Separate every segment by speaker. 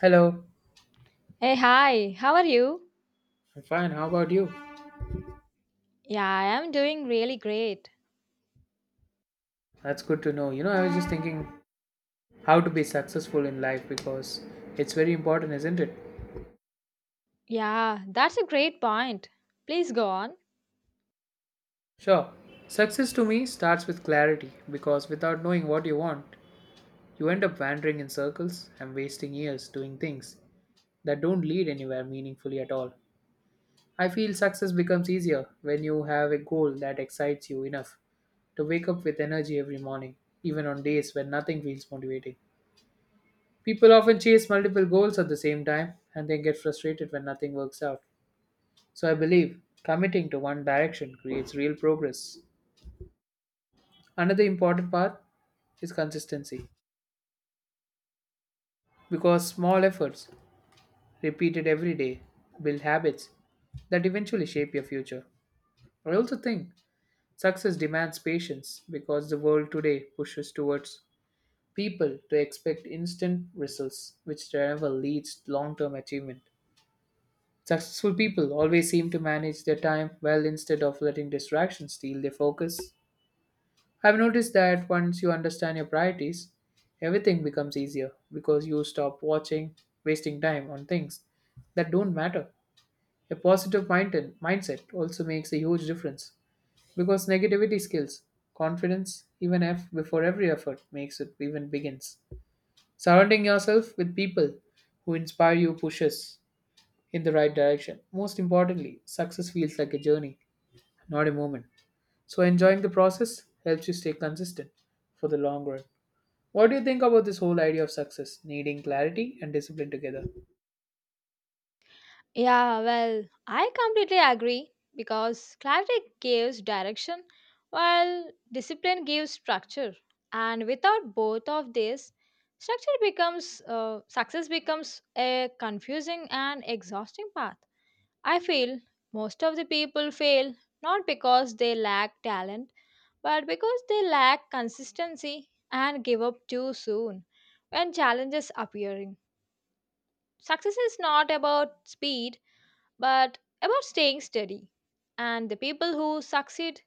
Speaker 1: Hello.
Speaker 2: Hey, hi, how are you?
Speaker 1: I'm fine. How about you?
Speaker 2: Yeah, I am doing really great.
Speaker 1: That's good to know. You know, I was just thinking how to be successful in life because it's very important, isn't it?
Speaker 2: Yeah, that's a great point. Please go on.
Speaker 1: Sure. Success to me starts with clarity because without knowing what you want, you end up wandering in circles and wasting years doing things that don't lead anywhere meaningfully at all. I feel success becomes easier when you have a goal that excites you enough to wake up with energy every morning, even on days when nothing feels motivating. People often chase multiple goals at the same time and they get frustrated when nothing works out. So I believe committing to one direction creates real progress. Another important part is consistency because small efforts repeated every day build habits that eventually shape your future. I also think success demands patience because the world today pushes towards people to expect instant results, which never leads to long term achievement. Successful people always seem to manage their time well instead of letting distractions steal their focus. I've noticed that once you understand your priorities, everything becomes easier because you stop watching, wasting time on things that don't matter. A positive mindset also makes a huge difference because negativity skills confidence even if before every effort makes it even begins. Surrounding yourself with people who inspire you pushes in the right direction. Most importantly, success feels like a journey, not a moment. So, enjoying the process helps you stay consistent for the long run. What do you think about this whole idea of success, needing clarity and discipline together?
Speaker 2: Yeah, well, I completely agree because clarity gives direction while discipline gives structure. And without both of these, structure becomes success becomes a confusing and exhausting path. I feel most of the people fail not because they lack talent but because they lack consistency and give up too soon when challenges appearing success is not about speed but about staying steady and the people who succeed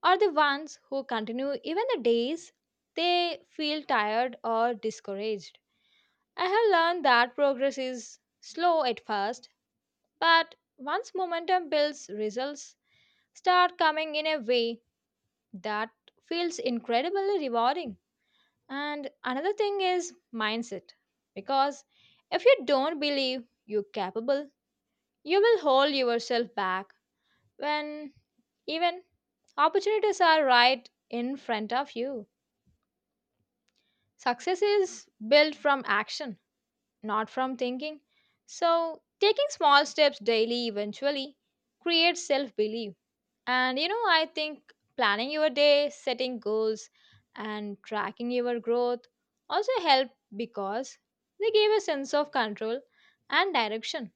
Speaker 2: are the ones who continue even the days they feel tired or discouraged. I have learned that progress is slow at first, but once momentum builds results start coming in a way that feels incredibly rewarding. And another thing is mindset. Because if you don't believe you're capable, you will hold yourself back when even opportunities are right in front of you. Success is built from action, not from thinking. So, taking small steps daily eventually creates self belief. And you know, I think planning your day, setting goals, and tracking your growth also help because they give a sense of control and direction.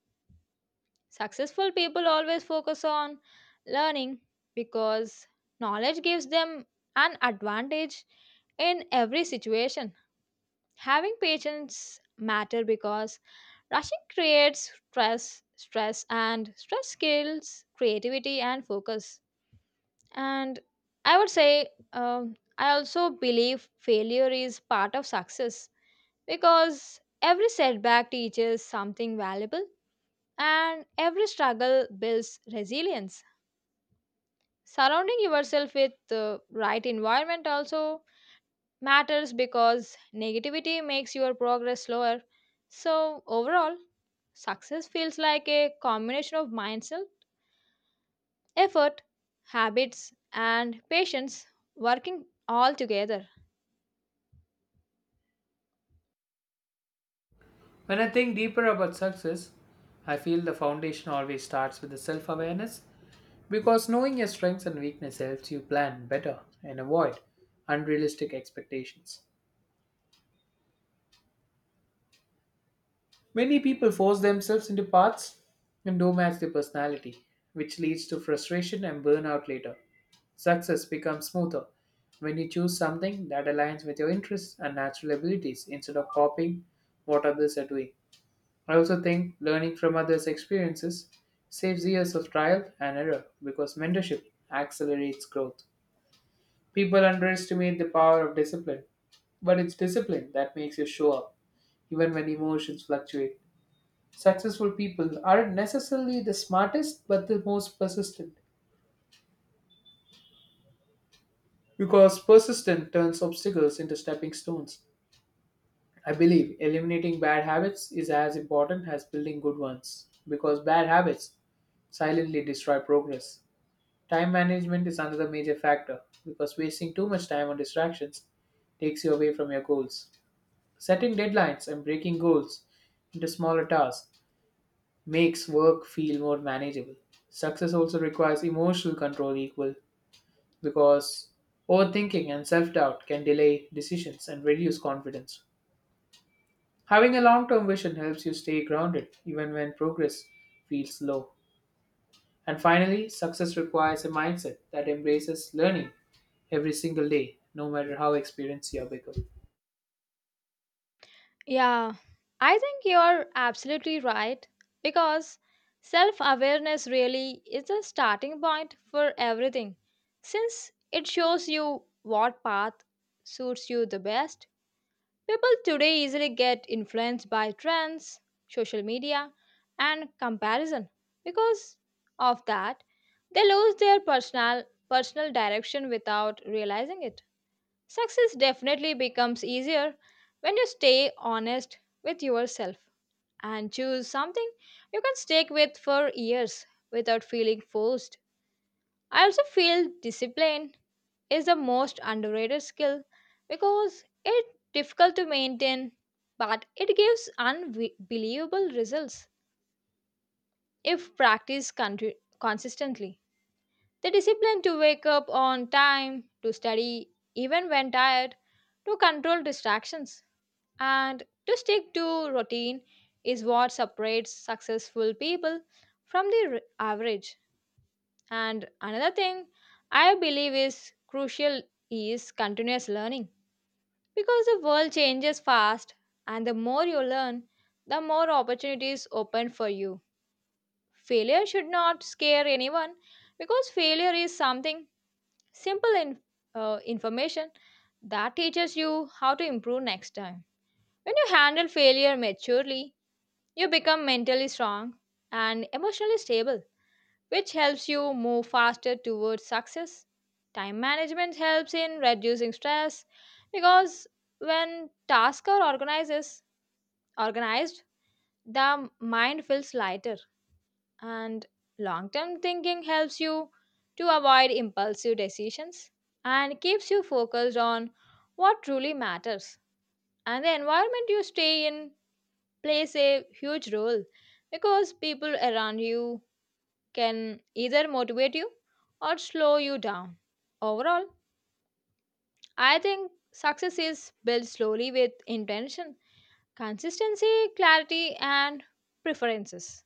Speaker 2: Successful people always focus on learning because knowledge gives them an advantage in every situation. Having patience matter because rushing creates stress, stress and stress kills creativity and focus. And I would say, I also believe failure is part of success because every setback teaches something valuable and every struggle builds resilience. Surrounding yourself with the right environment also matters because negativity makes your progress slower. So, overall, success feels like a combination of mindset, effort, habits, and patience working all together.
Speaker 1: When I think deeper about success, I feel the foundation always starts with the self awareness because knowing your strengths and weaknesses helps you plan better and avoid unrealistic expectations. Many people force themselves into paths and don't match their personality, which leads to frustration and burnout later. Success becomes smoother when you choose something that aligns with your interests and natural abilities instead of copying what others are doing. I also think learning from others' experiences saves years of trial and error because mentorship accelerates growth. People underestimate the power of discipline, but it's discipline that makes you show up even when emotions fluctuate. Successful people aren't necessarily the smartest, but the most persistent. Because persistence turns obstacles into stepping stones. I believe eliminating bad habits is as important as building good ones. Because bad habits silently destroy progress. Time management is another major factor because wasting too much time on distractions takes you away from your goals. Setting deadlines and breaking goals into smaller tasks makes work feel more manageable. Success also requires emotional control equal because overthinking and self-doubt can delay decisions and reduce confidence. Having a long-term vision helps you stay grounded even when progress feels slow. And finally, success requires a mindset that embraces learning every single day, no matter how experienced you become.
Speaker 2: Yeah, I think you're absolutely right because self awareness really is the starting point for everything since it shows you what path suits you the best. People today easily get influenced by trends, social media, and comparison. Because of that, they lose their personal direction without realizing it. Success definitely becomes easier when you stay honest with yourself and choose something you can stick with for years without feeling forced. I also feel discipline is the most underrated skill because it's difficult to maintain, but it gives unbelievable results if practiced consistently. The discipline to wake up on time, to study even when tired, to control distractions and to stick to routine is what separates successful people from the average. And another thing I believe is crucial is continuous learning because the world changes fast, and the more you learn, the more opportunities open for you. Failure should not scare anyone because failure is something simple in, information that teaches you how to improve next time. When you handle failure maturely, you become mentally strong and emotionally stable, which helps you move faster towards success. Time management helps in reducing stress because when tasks are organized, the mind feels lighter and long-term thinking helps you to avoid impulsive decisions and keeps you focused on what truly matters and the environment you stay in plays a huge role because people around you can either motivate you or slow you down. Overall, I think success is built slowly with intention, consistency, clarity, and preferences.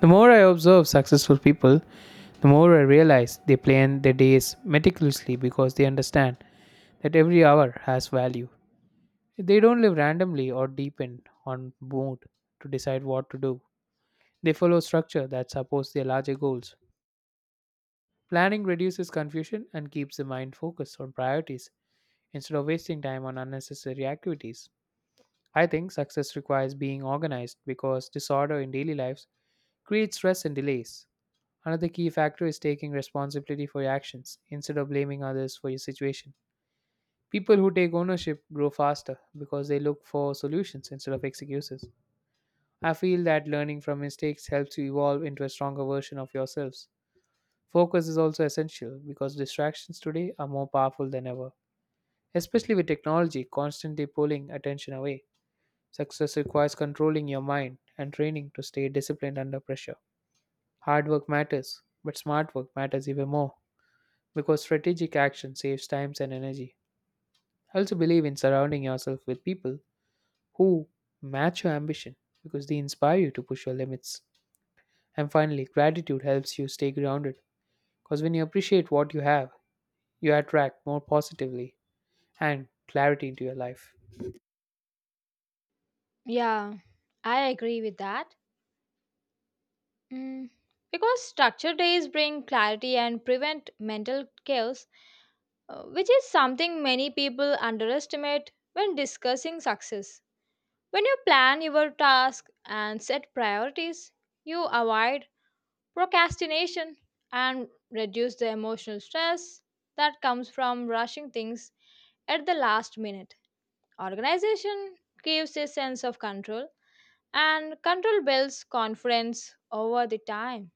Speaker 1: The more I observe successful people, the more I realize they plan their days meticulously because they understand that every hour has value. They don't live randomly or depend on mood to decide what to do. They follow structure that supports their larger goals. Planning reduces confusion and keeps the mind focused on priorities instead of wasting time on unnecessary activities. I think success requires being organized because disorder in daily lives creates stress and delays. Another key factor is taking responsibility for your actions instead of blaming others for your situation. People who take ownership grow faster because they look for solutions instead of excuses. I feel that learning from mistakes helps you evolve into a stronger version of yourselves. Focus is also essential because distractions today are more powerful than ever, especially with technology constantly pulling attention away. Success requires controlling your mind and training to stay disciplined under pressure. Hard work matters, but smart work matters even more because strategic action saves time and energy. I also believe in surrounding yourself with people who match your ambition because they inspire you to push your limits. And finally, gratitude helps you stay grounded because when you appreciate what you have, you attract more positively and clarity into your life.
Speaker 2: Yeah, I agree with that. Mm, Because structured days bring clarity and prevent mental chaos, which is something many people underestimate when discussing success. When you plan your task and set priorities, you avoid procrastination and reduce the emotional stress that comes from rushing things at the last minute. Organization gives a sense of control, and control builds confidence over the time.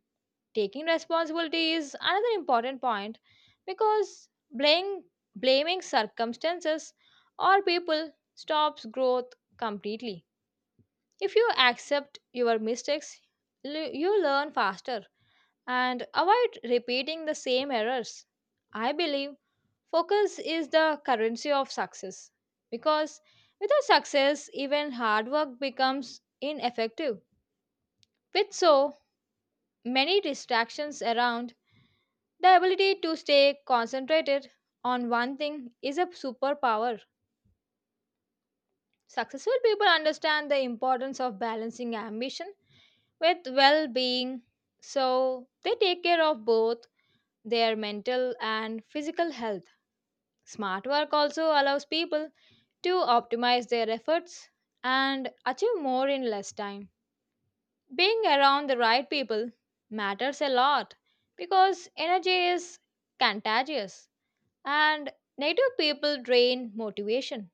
Speaker 2: Taking responsibility is another important point because blaming circumstances or people stops growth completely. If you accept your mistakes, you learn faster and avoid repeating the same errors. I believe focus is the currency of success because without success, even hard work becomes ineffective. With so many distractions around, the ability to stay concentrated on one thing is a superpower. Successful people understand the importance of balancing ambition with well being. So they take care of both their mental and physical health. Smart work also allows people to optimize their efforts and achieve more in less time. Being around the right people matters a lot because energy is contagious and negative people drain motivation.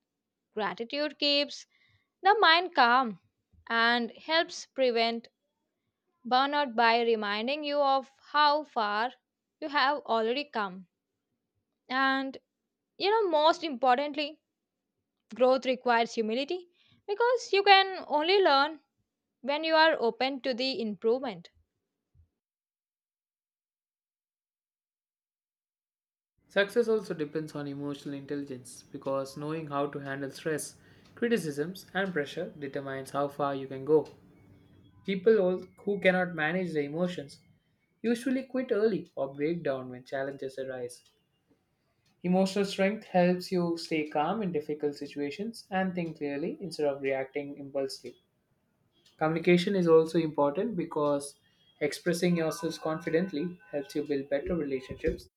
Speaker 2: Gratitude keeps the mind calm and helps prevent burnout by reminding you of how far you have already come. And you know, most importantly, growth requires humility because you can only learn when you are open to the improvement.
Speaker 1: Success also depends on emotional intelligence because knowing how to handle stress, criticisms, and pressure determines how far you can go. People who cannot manage their emotions usually quit early or break down when challenges arise. Emotional strength helps you stay calm in difficult situations and think clearly instead of reacting impulsively. Communication is also important because expressing yourself confidently helps you build better relationships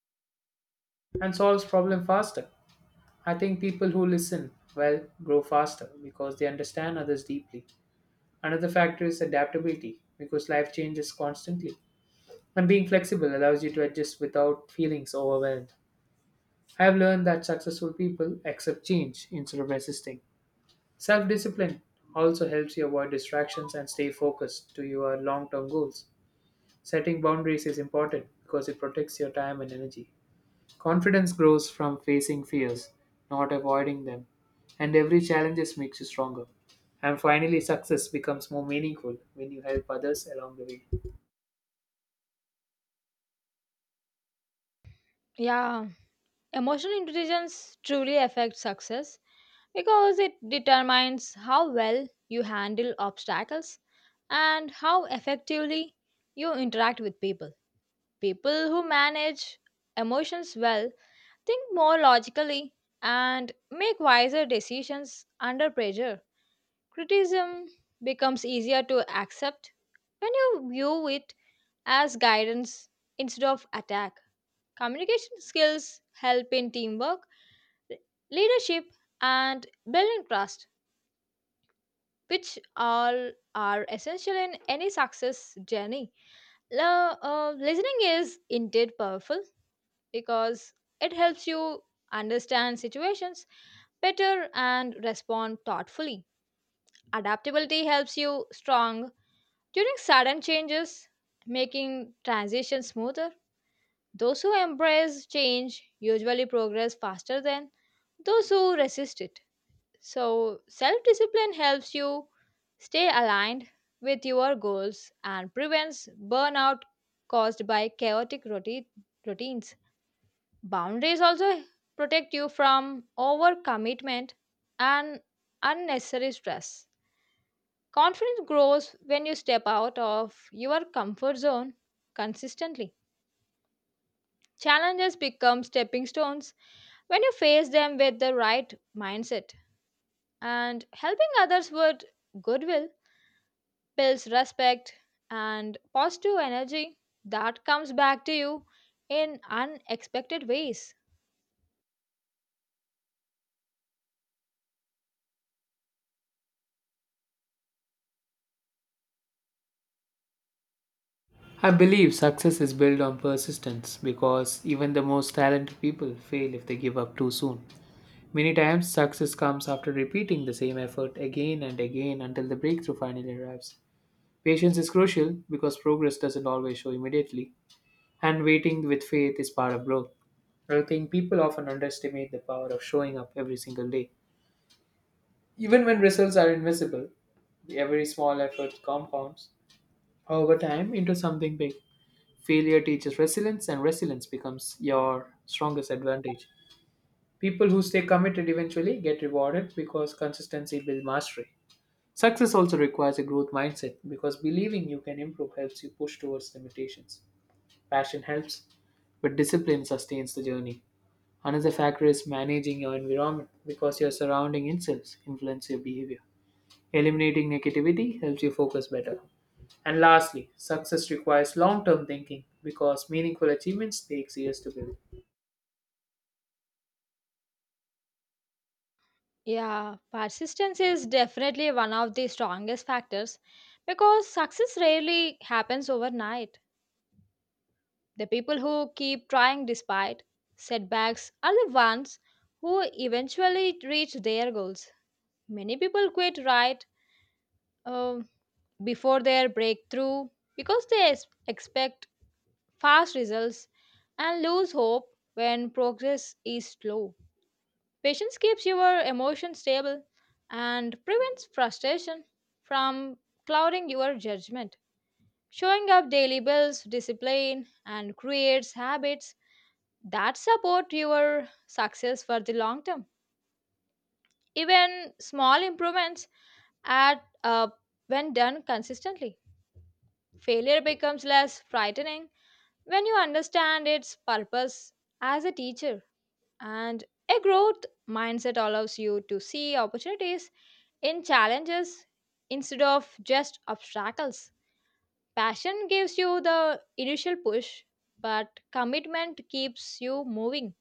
Speaker 1: and solves problems faster. I think people who listen well grow faster because they understand others deeply. Another factor is adaptability because life changes constantly. And being flexible allows you to adjust without feeling so overwhelmed. I have learned that successful people accept change instead of resisting. Self discipline also helps you avoid distractions and stay focused to your long term goals. Setting boundaries is important because it protects your time and energy. Confidence grows from facing fears, not avoiding them, and every challenge makes you stronger. And finally, success becomes more meaningful when you help others along the way.
Speaker 2: Yeah, emotional intelligence truly affects success because it determines how well you handle obstacles and how effectively you interact with people. People who manage emotions well think more logically and make wiser decisions under pressure. Criticism becomes easier to accept when you view it as guidance instead of attack. Communication skills help in teamwork, le- leadership, and building trust, which all are essential in any success journey. Listening is indeed powerful because it helps you understand situations better and respond thoughtfully. Adaptability helps you strong during sudden changes, making transitions smoother. Those who embrace change usually progress faster than those who resist it. So, self discipline helps you stay aligned with your goals and prevents burnout caused by routines. Boundaries also protect you from overcommitment and unnecessary stress. Confidence grows when you step out of your comfort zone consistently. Challenges become stepping stones when you face them with the right mindset. And helping others with goodwill builds respect and positive energy that comes back to you in unexpected ways.
Speaker 1: I believe success is built on persistence because even the most talented people fail if they give up too soon. Many times, success comes after repeating the same effort again and again until the breakthrough finally arrives. Patience is crucial because progress doesn't always show immediately, and waiting with faith is part of growth. I think people often underestimate the power of showing up every single day. Even when results are invisible, every small effort compounds over time into something big. Failure teaches resilience, and resilience becomes your strongest advantage. People who stay committed eventually get rewarded because consistency builds mastery. Success also requires a growth mindset because believing you can improve helps you push towards limitations. Passion helps, but discipline sustains the journey. Another factor is managing your environment because your surrounding influence your behavior. Eliminating negativity helps you focus better. And lastly, success requires long-term thinking because meaningful achievements takes years to build.
Speaker 2: Yeah, persistence is definitely one of the strongest factors because success rarely happens overnight. The people who keep trying despite setbacks are the ones who eventually reach their goals. Many people quit right um, before their breakthrough because they expect fast results and lose hope when progress is slow. Patience keeps your emotions stable and prevents frustration from clouding your judgment. Showing up daily builds discipline and creates habits that support your success for the long term. Even small improvements add up when done consistently. Failure becomes less frightening when you understand its purpose as a teacher, and a growth mindset allows you to see opportunities in challenges instead of just obstacles. Passion gives you the initial push, but commitment keeps you moving.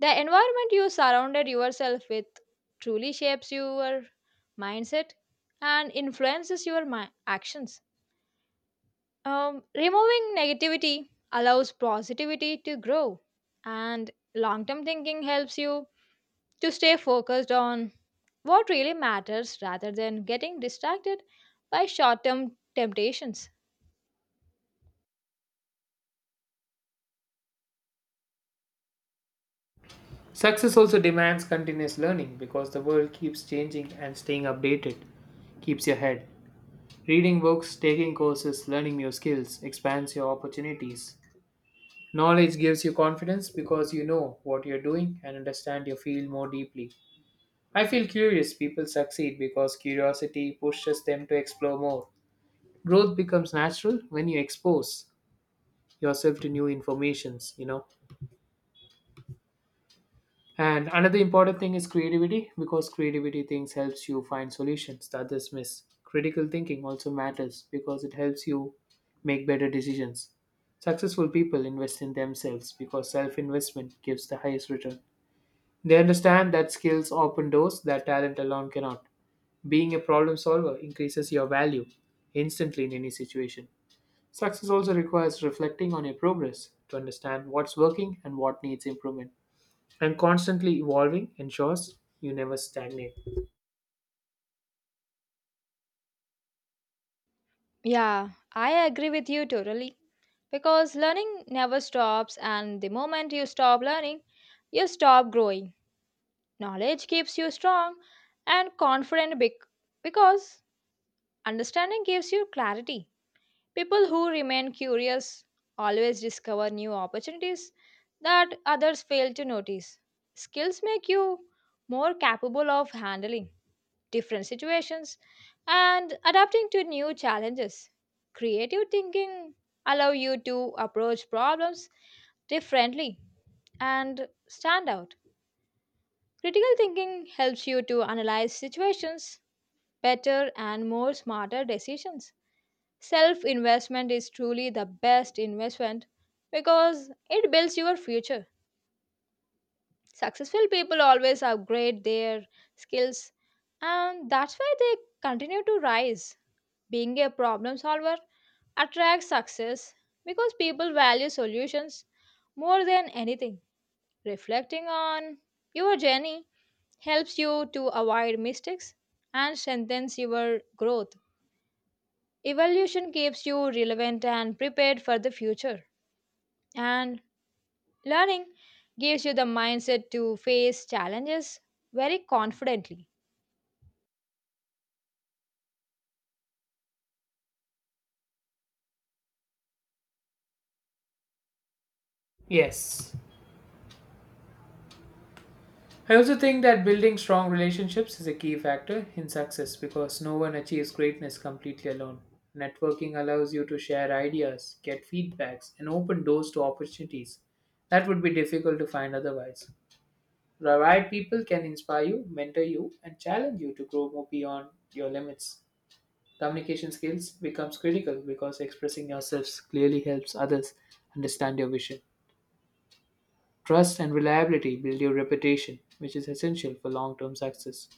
Speaker 2: The environment you surrounded yourself with truly shapes your mindset and influences your actions. Removing negativity allows positivity to grow, and long term thinking helps you to stay focused on what really matters rather than getting distracted by short term temptations.
Speaker 1: Success also demands continuous learning because the world keeps changing and staying updated keeps your head. Reading books, taking courses, learning new skills expands your opportunities. Knowledge gives you confidence because you know what you're doing and understand your field more deeply. I feel curious people succeed because curiosity pushes them to explore more. Growth becomes natural when you expose yourself to new informations, you know. And another important thing is creativity because creativity things helps you find solutions that others miss. Critical thinking also matters because it helps you make better decisions. Successful people invest in themselves because self-investment gives the highest return. They understand that skills open doors that talent alone cannot. Being a problem solver increases your value instantly in any situation. Success also requires reflecting on your progress to understand what's working and what needs improvement and constantly evolving ensures you never stagnate.
Speaker 2: Yeah, I agree with you totally. Because learning never stops, and the moment you stop learning, you stop growing. Knowledge keeps you strong and confident because understanding gives you clarity. People who remain curious always discover new opportunities that others fail to notice. Skills make you more capable of handling different situations and adapting to new challenges. Creative thinking allow you to approach problems differently and stand out. Critical thinking helps you to analyze situations better and more smarter decisions. Self investment is truly the best investment because it builds your future. Successful people always upgrade their skills, and that's why they continue to rise. Being a problem solver attracts success because people value solutions more than anything. Reflecting on your journey helps you to avoid mistakes and strengthens your growth. Evolution keeps you relevant and prepared for the future. And learning gives you the mindset to face challenges very confidently.
Speaker 1: Yes. I also think that building strong relationships is a key factor in success because no one achieves greatness completely alone. Networking allows you to share ideas, get feedbacks, and open doors to opportunities that would be difficult to find otherwise. The right people can inspire you, mentor you, and challenge you to grow more beyond your limits. Communication skills becomes critical because expressing yourselves clearly helps others understand your vision. Trust and reliability build your reputation, which is essential for long term success.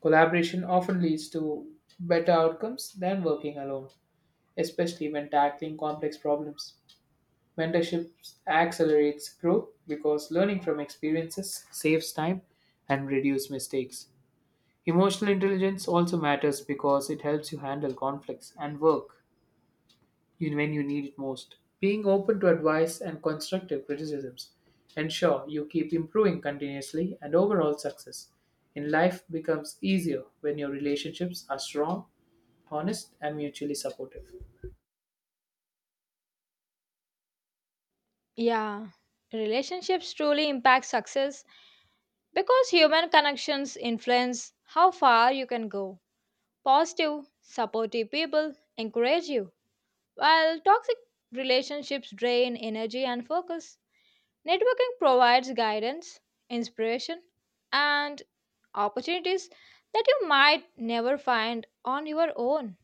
Speaker 1: Collaboration often leads to better outcomes than working alone, especially when tackling complex problems. Mentorship accelerates growth because learning from experiences saves time and reduces mistakes. Emotional intelligence also matters because it helps you handle conflicts and work when you need it most. Being open to advice and constructive criticisms ensure you keep improving continuously and overall success in life becomes easier when your relationships are strong, honest, and mutually supportive.
Speaker 2: Yeah, relationships truly impact success because human connections influence how far you can go. Positive, supportive people encourage you, while toxic relationships drain energy and focus. Networking provides guidance, inspiration, and opportunities that you might never find on your own.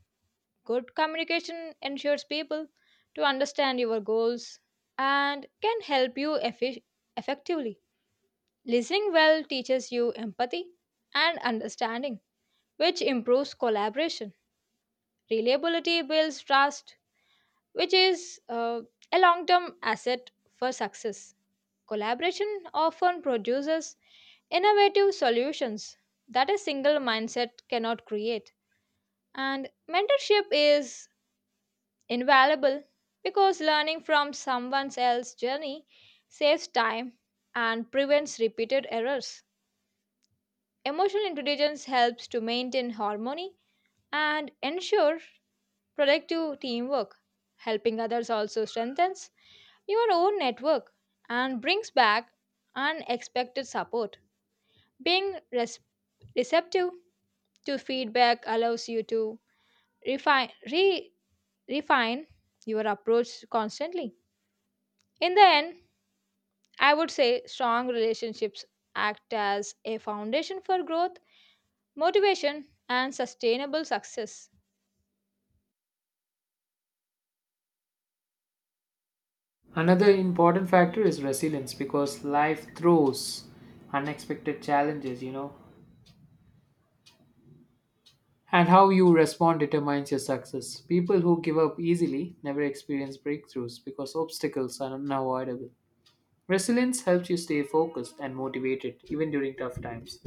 Speaker 2: Good communication ensures people to understand your goals and can help you effectively. Listening well teaches you empathy and understanding, which improves collaboration. Reliability builds trust, which is a long term asset for success. Collaboration often produces innovative solutions that a single mindset cannot create. And mentorship is invaluable because learning from someone else's journey saves time and prevents repeated errors. Emotional intelligence helps to maintain harmony and ensure productive teamwork. Helping others also strengthens your own network and brings back unexpected support. Being receptive to feedback allows you to refine re, refine your approach constantly. In the end, I would say strong relationships act as a foundation for growth, motivation and sustainable success.
Speaker 1: Another important factor is resilience because life throws unexpected challenges, you know. And how you respond determines your success. People who give up easily never experience breakthroughs because obstacles are unavoidable. Resilience helps you stay focused and motivated even during tough times.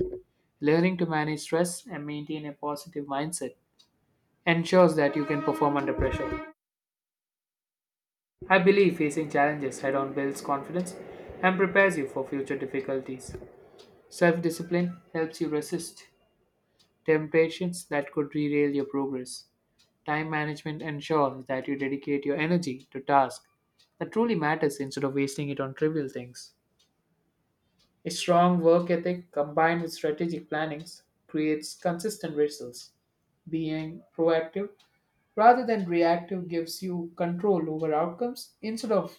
Speaker 1: Learning to manage stress and maintain a positive mindset ensures that you can perform under pressure. I believe facing challenges head on builds confidence and prepares you for future difficulties. Self discipline helps you resist temptations that could derail your progress. Time management ensures that you dedicate your energy to tasks that truly matters instead of wasting it on trivial things. A strong work ethic combined with strategic plannings creates consistent results. Being proactive rather than reactive gives you control over outcomes instead of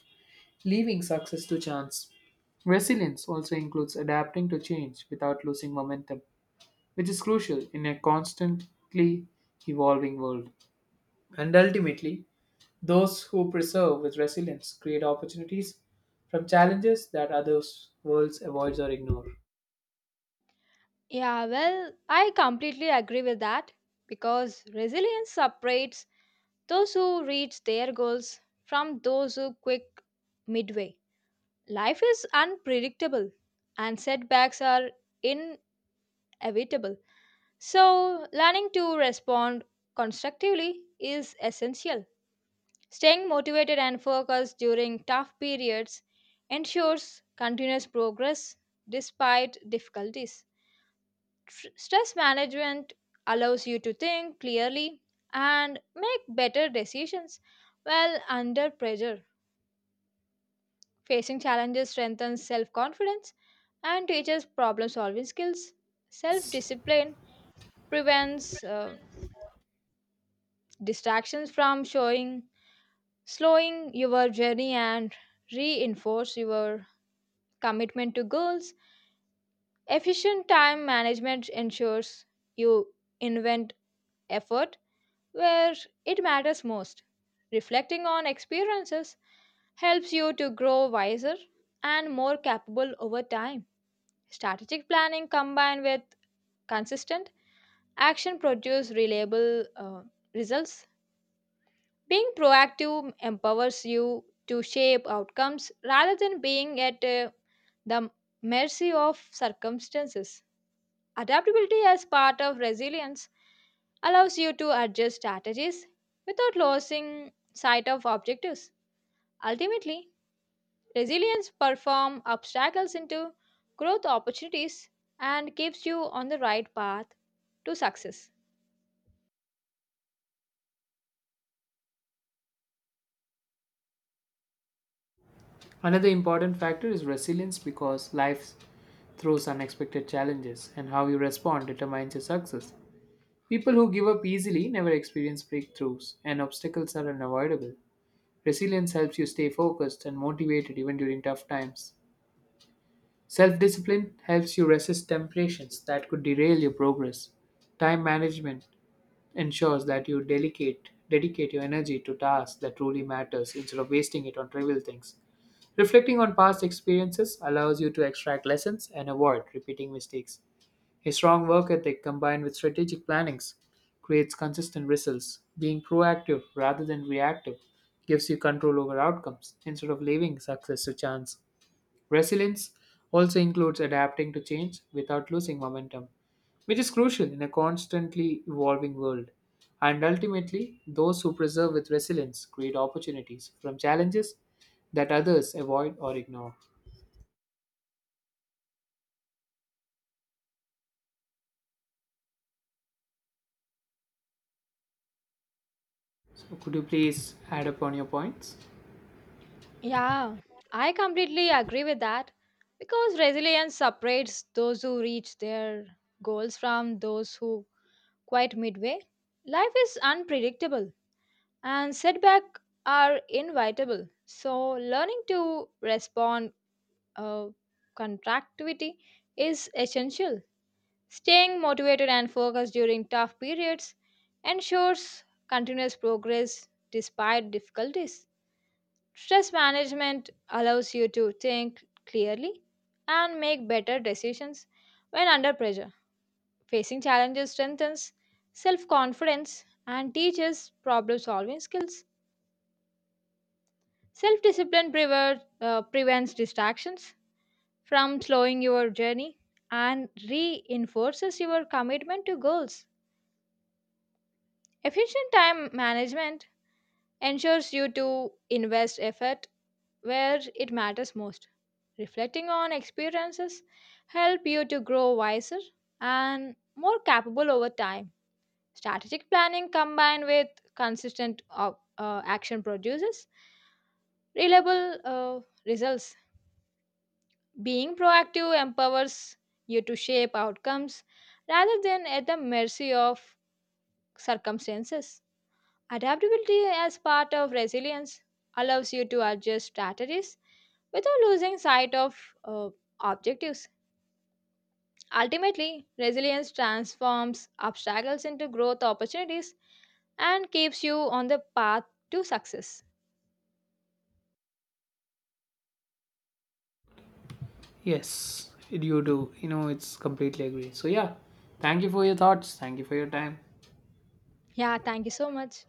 Speaker 1: leaving success to chance. Resilience also includes adapting to change without losing momentum, which is crucial in a constantly evolving world. And ultimately, those who preserve with resilience create opportunities from challenges that others worlds avoids or ignore.
Speaker 2: Yeah, well, I completely agree with that because resilience separates those who reach their goals from those who quit midway. Life is unpredictable and setbacks are inevitable. So, learning to respond constructively is essential. Staying motivated and focused during tough periods ensures continuous progress despite difficulties. Stress management allows you to think clearly and make better decisions while under pressure. Facing challenges strengthens self confidence and teaches problem solving skills. Self discipline prevents distractions from showing slowing your journey and reinforce your commitment to goals. Efficient time management ensures you invent effort where it matters most. Reflecting on experiences helps you to grow wiser and more capable over time. Strategic planning combined with consistent action produce reliable results. Being proactive empowers you to shape outcomes rather than being at the mercy of circumstances. Adaptability, as part of resilience, allows you to adjust strategies without losing sight of objectives. Ultimately, resilience performs obstacles into growth opportunities and keeps you on the right path to success.
Speaker 1: Another important factor is resilience because life throws unexpected challenges, and how you respond determines your success. People who give up easily never experience breakthroughs, and obstacles are unavoidable. Resilience helps you stay focused and motivated even during tough times. Self discipline helps you resist temptations that could derail your progress. Time management ensures that you dedicate your energy to tasks that truly matters instead of wasting it on trivial things. Reflecting on past experiences allows you to extract lessons and avoid repeating mistakes. A strong work ethic combined with strategic plannings creates consistent results. Being proactive rather than reactive gives you control over outcomes instead of leaving success to chance. Resilience also includes adapting to change without losing momentum, which is crucial in a constantly evolving world. And ultimately, those who persevere with resilience create opportunities from challenges that others avoid or ignore. So, could you please add upon your points?
Speaker 2: Yeah, I completely agree with that because resilience separates those who reach their goals from those who quit midway. Life is unpredictable and setbacks are inevitable. So, learning to respond uh, contractivity is essential. Staying motivated and focused during tough periods ensures continuous progress despite difficulties. Stress management allows you to think clearly and make better decisions when under pressure. Facing challenges strengthens self confidence and teaches problem solving skills. Self discipline prevents distractions from slowing your journey and reinforces your commitment to goals. Efficient time management ensures you to invest effort where it matters most. Reflecting on experiences help you to grow wiser and more capable over time. Strategic planning combined with consistent action produces reliable results. Being proactive empowers you to shape outcomes rather than at the mercy of circumstances. Adaptability as part of resilience allows you to adjust strategies without losing sight of uh, objectives. Ultimately, resilience transforms obstacles into growth opportunities and keeps you on the path to success.
Speaker 1: Yes, you do. You know, it's completely agree. So, yeah, thank you for your thoughts. Thank you for your time.
Speaker 2: Yeah, thank you so much.